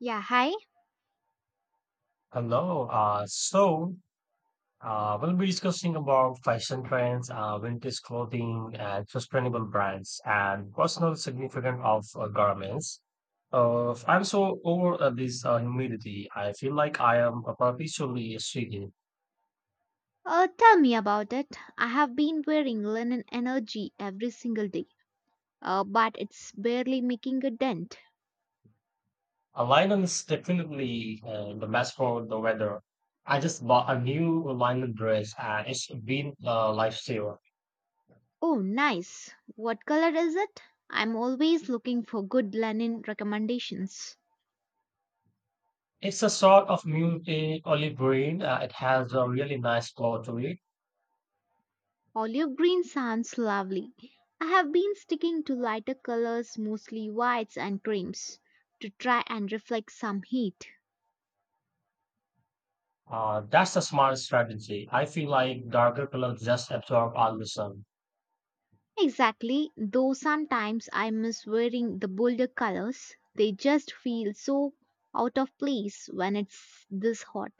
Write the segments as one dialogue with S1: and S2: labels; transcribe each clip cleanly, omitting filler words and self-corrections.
S1: Yeah, hi.
S2: Hello. We'll be discussing about fashion trends, vintage clothing, and sustainable brands, and personal significance of garments. I'm so over this humidity. I feel like I am perpetually sweating.
S1: Tell me about it. I have been wearing linen energy every single day, but it's barely making a dent.
S2: A linen is definitely the best for the weather. I just bought a new linen dress, and it's been a lifesaver.
S1: Oh, nice. What color is it? I'm always looking for good linen recommendations.
S2: It's a sort of mutate olive green. It has a really nice color to it.
S1: Olive green sounds lovely. I have been sticking to lighter colors, mostly whites and creams, to try and reflect some heat.
S2: That's the smart strategy. I feel like darker colors just absorb all the sun.
S1: Exactly, though sometimes I miss wearing the bolder colors. They just feel so out of place when it's this hot.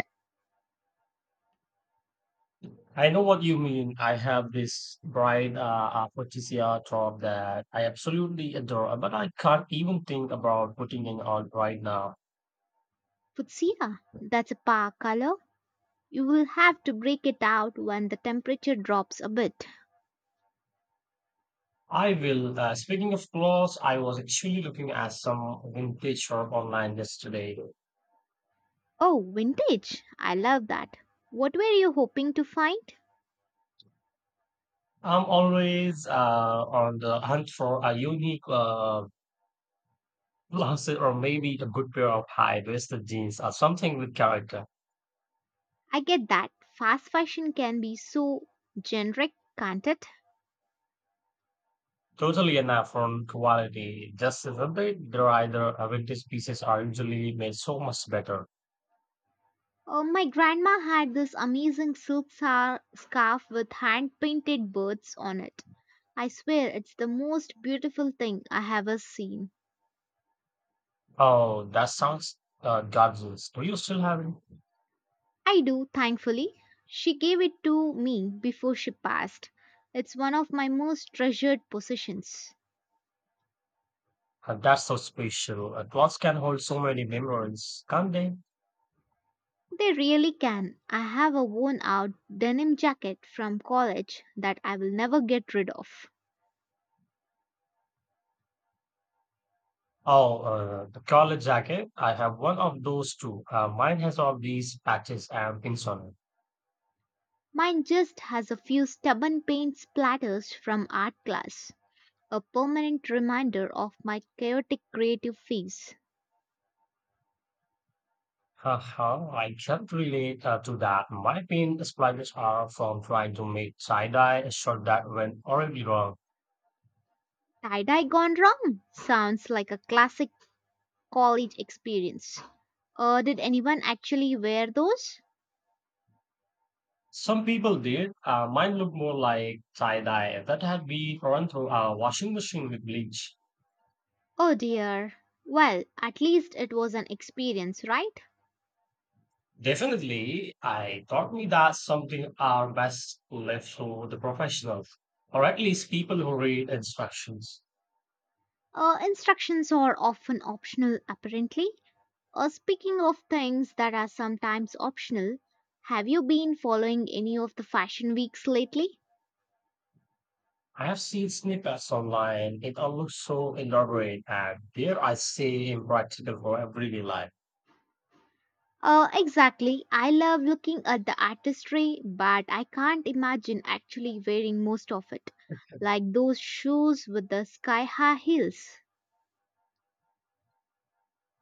S2: I know what you mean. I have this bright aphrodisia top that I absolutely adore, but I can't even think about putting in on right now.
S1: Fuchsia, that's a par color. You will have to break it out when the temperature drops a bit.
S2: I will. Speaking of clothes, I was actually looking at some vintage shop online yesterday.
S1: Oh, vintage. I love that. What were you hoping to find?
S2: I'm always on the hunt for a unique blouses or maybe a good pair of high-waisted jeans or something with character.
S1: I get that. Fast fashion can be so generic, can't it?
S2: Totally enough on quality, just isn't it? There are either vintage pieces are usually made so much better.
S1: Oh, my grandma had this amazing silk scarf with hand painted birds on it. I swear it's the most beautiful thing I have ever seen.
S2: Oh, that sounds gorgeous. Do you still have it?
S1: I do, thankfully. She gave it to me before she passed. It's one of my most treasured possessions.
S2: That's so special. A cloth can hold so many memories, can't they?
S1: They really can. I have a worn out denim jacket from college that I will never get rid of.
S2: Oh, the collar jacket. I have one of those too. Mine has all these patches and pins on it.
S1: Mine just has a few stubborn paint splatters from art class, a permanent reminder of my chaotic creative phase.
S2: Haha, I can't relate to that. My pin splotches are from trying to make tie-dye a shirt that went horribly wrong.
S1: Tie dye gone wrong sounds like a classic college experience. Did anyone actually wear those?
S2: Some people did. Mine looked more like tie dye that had been run through a washing machine with bleach.
S1: Oh dear. Well, at least it was an experience, right?
S2: Definitely, I taught me that something are best left to the professionals, or at least people who read instructions.
S1: Instructions are often optional, apparently. Speaking of things that are sometimes optional, have you been following any of the fashion weeks lately?
S2: I have seen snippets online. It all looks so elaborate and, dare I say, impractical for everyday life.
S1: Exactly. I love looking at the artistry, but I can't imagine actually wearing most of it, like those shoes with the sky high heels.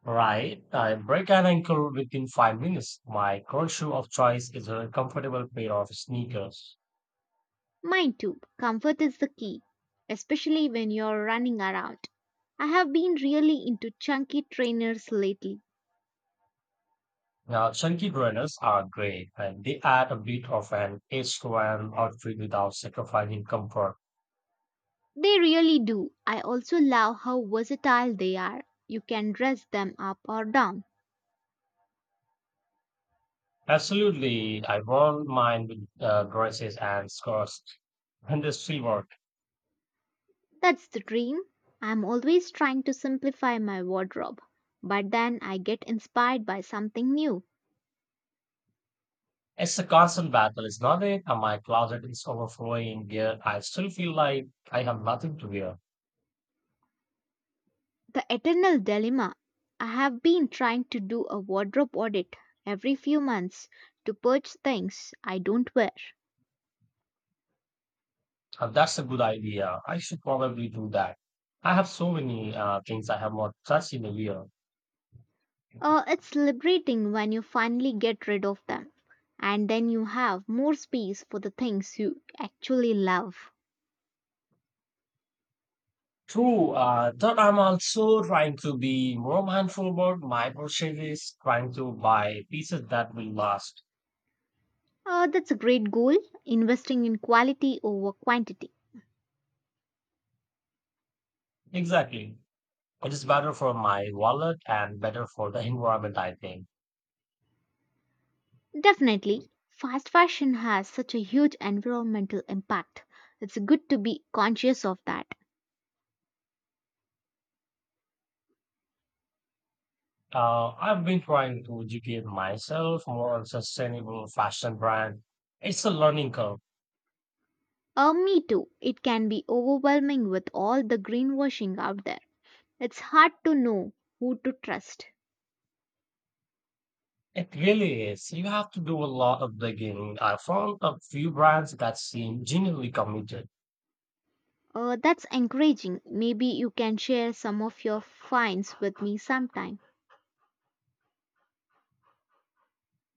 S2: Right, I break an ankle within 5 minutes. My current shoe of choice is a comfortable pair of sneakers.
S1: Mine too. Comfort is the key, especially when you're running around. I have been really into chunky trainers lately.
S2: Now, chunky burners are great and they add a bit of an edge to an outfit without sacrificing comfort.
S1: They really do. I also love how versatile they are. You can dress them up or down.
S2: Absolutely, I won't mind with dresses and skirts and this free work.
S1: That's the dream. I'm always trying to simplify my wardrobe, but then I get inspired by something new.
S2: It's a constant battle, is not it? And my closet is overflowing yet I still feel like I have nothing to wear.
S1: The eternal dilemma. I have been trying to do a wardrobe audit every few months to purge things I don't wear.
S2: And that's a good idea. I should probably do that. I have so many things I have not touched in a year.
S1: It's liberating when you finally get rid of them, and then you have more space for the things you actually love.
S2: True, that I'm also trying to be more mindful about my purchases, trying to buy pieces that will last.
S1: That's a great goal, investing in quality over quantity.
S2: Exactly. It is better for my wallet and better for the environment, I think.
S1: Definitely, fast fashion has such a huge environmental impact. It's good to be conscious of that.
S2: I've been trying to educate myself more on sustainable fashion brand. It's a learning curve.
S1: Me too, it can be overwhelming with all the greenwashing out there. It's hard to know who to trust.
S2: It really is. You have to do a lot of digging. I found a few brands that seem genuinely committed.
S1: That's encouraging. Maybe you can share some of your finds with me sometime.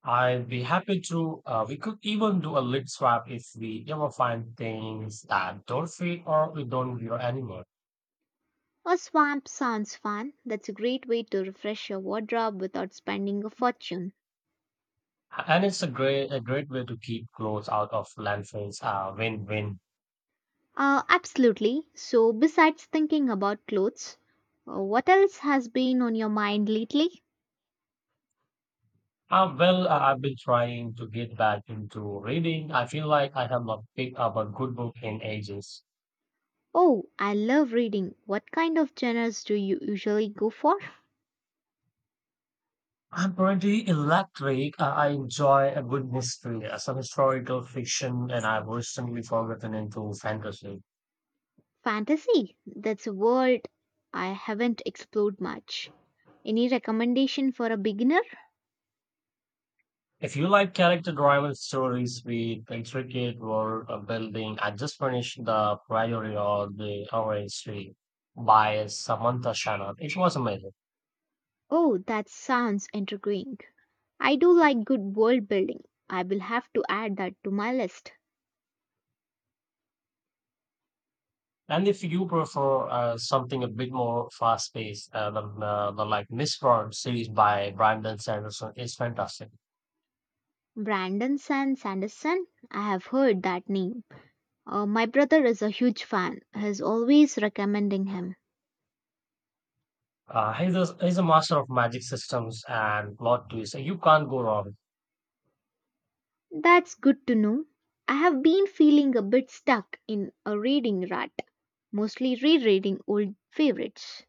S2: I'd be happy to. We could even do a lid swap if we ever find things that don't fit or we don't wear anymore.
S1: A swamp sounds fun. That's a great way to refresh your wardrobe without spending a fortune.
S2: And it's a great way to keep clothes out of landfills. Win-win.
S1: Absolutely. So, besides thinking about clothes, what else has been on your mind lately?
S2: Well, I've been trying to get back into reading. I feel like I have not picked up a good book in ages.
S1: Oh, I love reading. What kind of genres do you usually go for?
S2: I'm pretty electric. I enjoy a good mystery, some historical fiction, and I've recently gotten into fantasy.
S1: Fantasy. That's a world I haven't explored much. Any recommendation for a beginner?
S2: If you like character-driven stories with intricate world building, I just finished The Priory of the Orange Tree by Samantha Shannon. It was amazing.
S1: Oh, that sounds intriguing. I do like good world building. I will have to add that to my list.
S2: And if you prefer something a bit more fast-paced, the like Miss World series by Brandon Sanderson is fantastic.
S1: Brandon Sanderson, I have heard that name. My brother is a huge fan. He's always recommending him.
S2: He's a master of magic systems and plot twists, so you can't go wrong.
S1: That's good to know. I have been feeling a bit stuck in a reading rut, mostly rereading old favorites.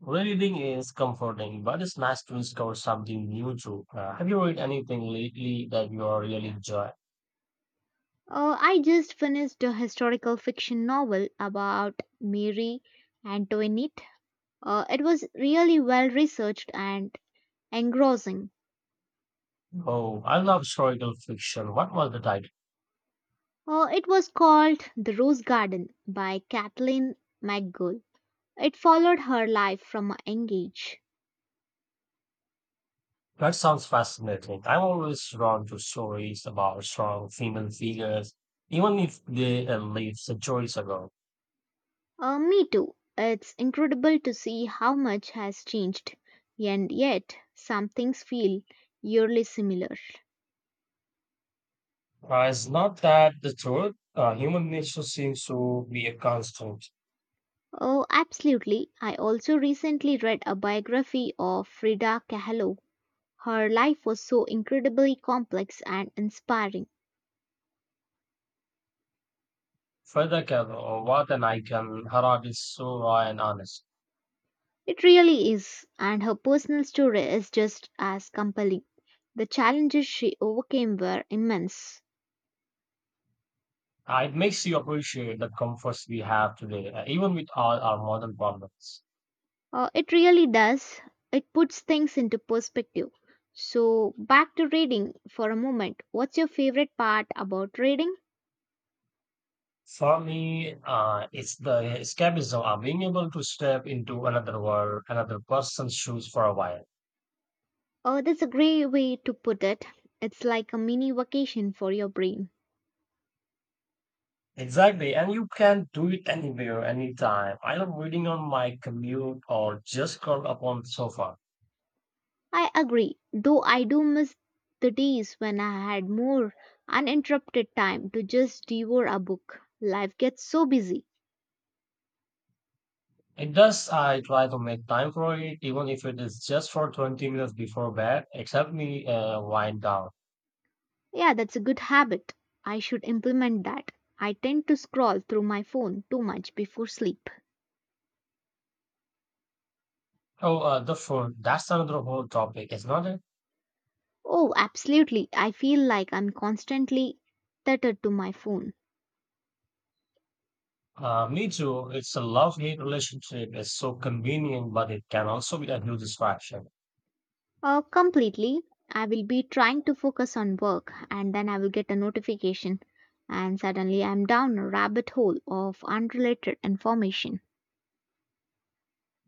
S2: Reading is comforting, but it's nice to discover something new too. Have you read anything lately that you are really enjoy?
S1: I just finished a historical fiction novel about Mary Antoinette. It was really well researched and engrossing.
S2: Oh, I love historical fiction. What was the title?
S1: It was called The Rose Garden by Kathleen McGull. It followed her life from a young age.
S2: That sounds fascinating. I'm always drawn to stories about strong female figures, even if they lived centuries ago.
S1: Me too. It's incredible to see how much has changed, and yet some things feel eerily similar.
S2: It's not that the truth. Human nature seems to be a constant.
S1: Oh, absolutely. I also recently read a biography of Frida Kahlo. Her life was so incredibly complex and inspiring.
S2: Further, Kev, what an icon. Harad is so raw and honest.
S1: It really is, and her personal story is just as compelling. The challenges she overcame were immense.
S2: It makes you appreciate the comforts we have today, even with all our modern problems.
S1: It really does. It puts things into perspective. So, back to reading for a moment. What's your favorite part about reading?
S2: For me, it's the escapism of being able to step into another world, another person's shoes for a while.
S1: That's a great way to put it. It's like a mini vacation for your brain.
S2: Exactly, and you can do it anywhere, anytime. I love reading on my commute or just curled up on the sofa.
S1: I agree, though I do miss the days when I had more uninterrupted time to just devour a book. Life gets so busy.
S2: It does. I try to make time for it, even if it is just for 20 minutes before bed. It helps me wind down.
S1: Yeah, that's a good habit. I should implement that. I tend to scroll through my phone too much before sleep.
S2: Oh, the food. That's another whole topic, isn't it?
S1: Oh, absolutely. I feel like I'm constantly tethered to my phone.
S2: Me too. It's a love-hate relationship. It's so convenient, but it can also be a huge distraction.
S1: Completely. I will be trying to focus on work and then I will get a notification and suddenly I'm down a rabbit hole of unrelated information.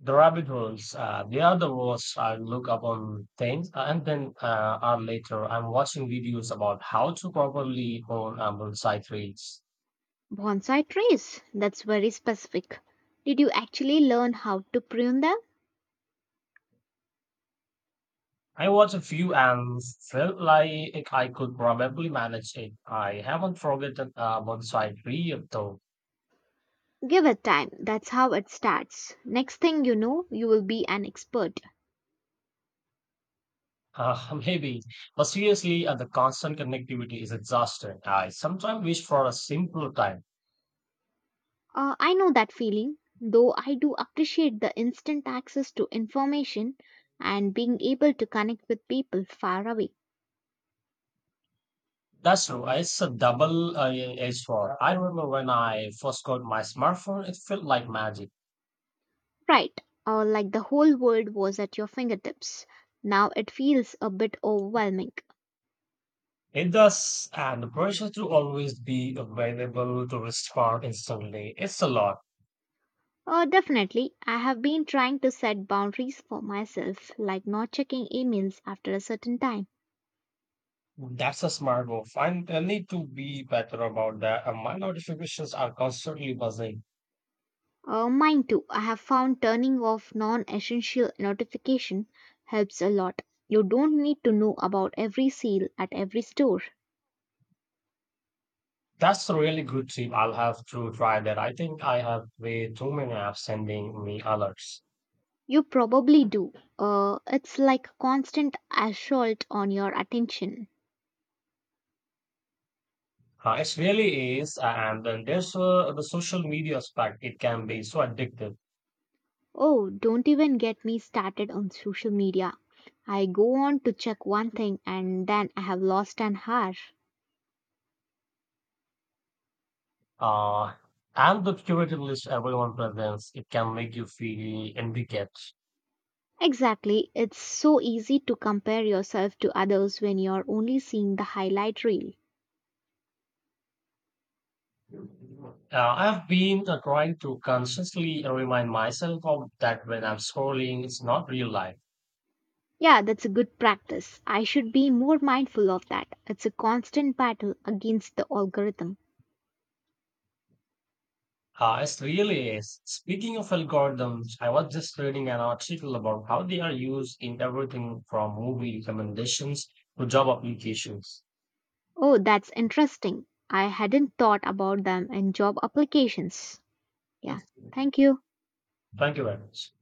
S2: The rabbit holes. The other was I look up on things, and then hour later I'm watching videos about how to properly own a bonsai trees.
S1: Bonsai trees. That's very specific. Did you actually learn how to prune them?
S2: I watched a few and felt like I could probably manage it. I haven't forgotten a bonsai tree yet, though.
S1: Give it time. That's how it starts. Next thing you know, you will be an expert.
S2: Maybe, but seriously, the constant connectivity is exhausting. I sometimes wish for a simpler time.
S1: I know that feeling, though I do appreciate the instant access to information and being able to connect with people far away.
S2: That's true. It's a double edged sword. I remember when I first got my smartphone, it felt like magic.
S1: Right, like the whole world was at your fingertips. Now it feels a bit overwhelming.
S2: It does, and the pressure to always be available to respond instantly. It's a lot.
S1: Definitely, I have been trying to set boundaries for myself, like not checking emails after a certain time.
S2: That's a smart move. I need to be better about that. And my notifications are constantly buzzing.
S1: Mine too. I have found turning off non essential notification helps a lot. You don't need to know about every sale at every store.
S2: That's a really good tip. I'll have to try that. I think I have way too many apps sending me alerts.
S1: You probably do. It's like constant assault on your attention.
S2: It really is. And then there's the social media aspect. It can be so addictive
S1: Oh, don't even get me started on social media. I go on to check one thing and then I have lost an hour.
S2: uh, and the curated list everyone presents, it can make you feel inadequate.
S1: Exactly. It's so easy to compare yourself to others when you're only seeing the highlight reel.
S2: Uh, I've been trying to consciously remind myself of that when I'm scrolling, it's not real life.
S1: Yeah, that's a good practice. I should be more mindful of that. It's a constant battle against the algorithm.
S2: It really is. Speaking of algorithms, I was just reading an article about how they are used in everything from movie recommendations to job applications.
S1: Oh, that's interesting. I hadn't thought about them in job applications. Yeah, thank you.
S2: Thank you very much.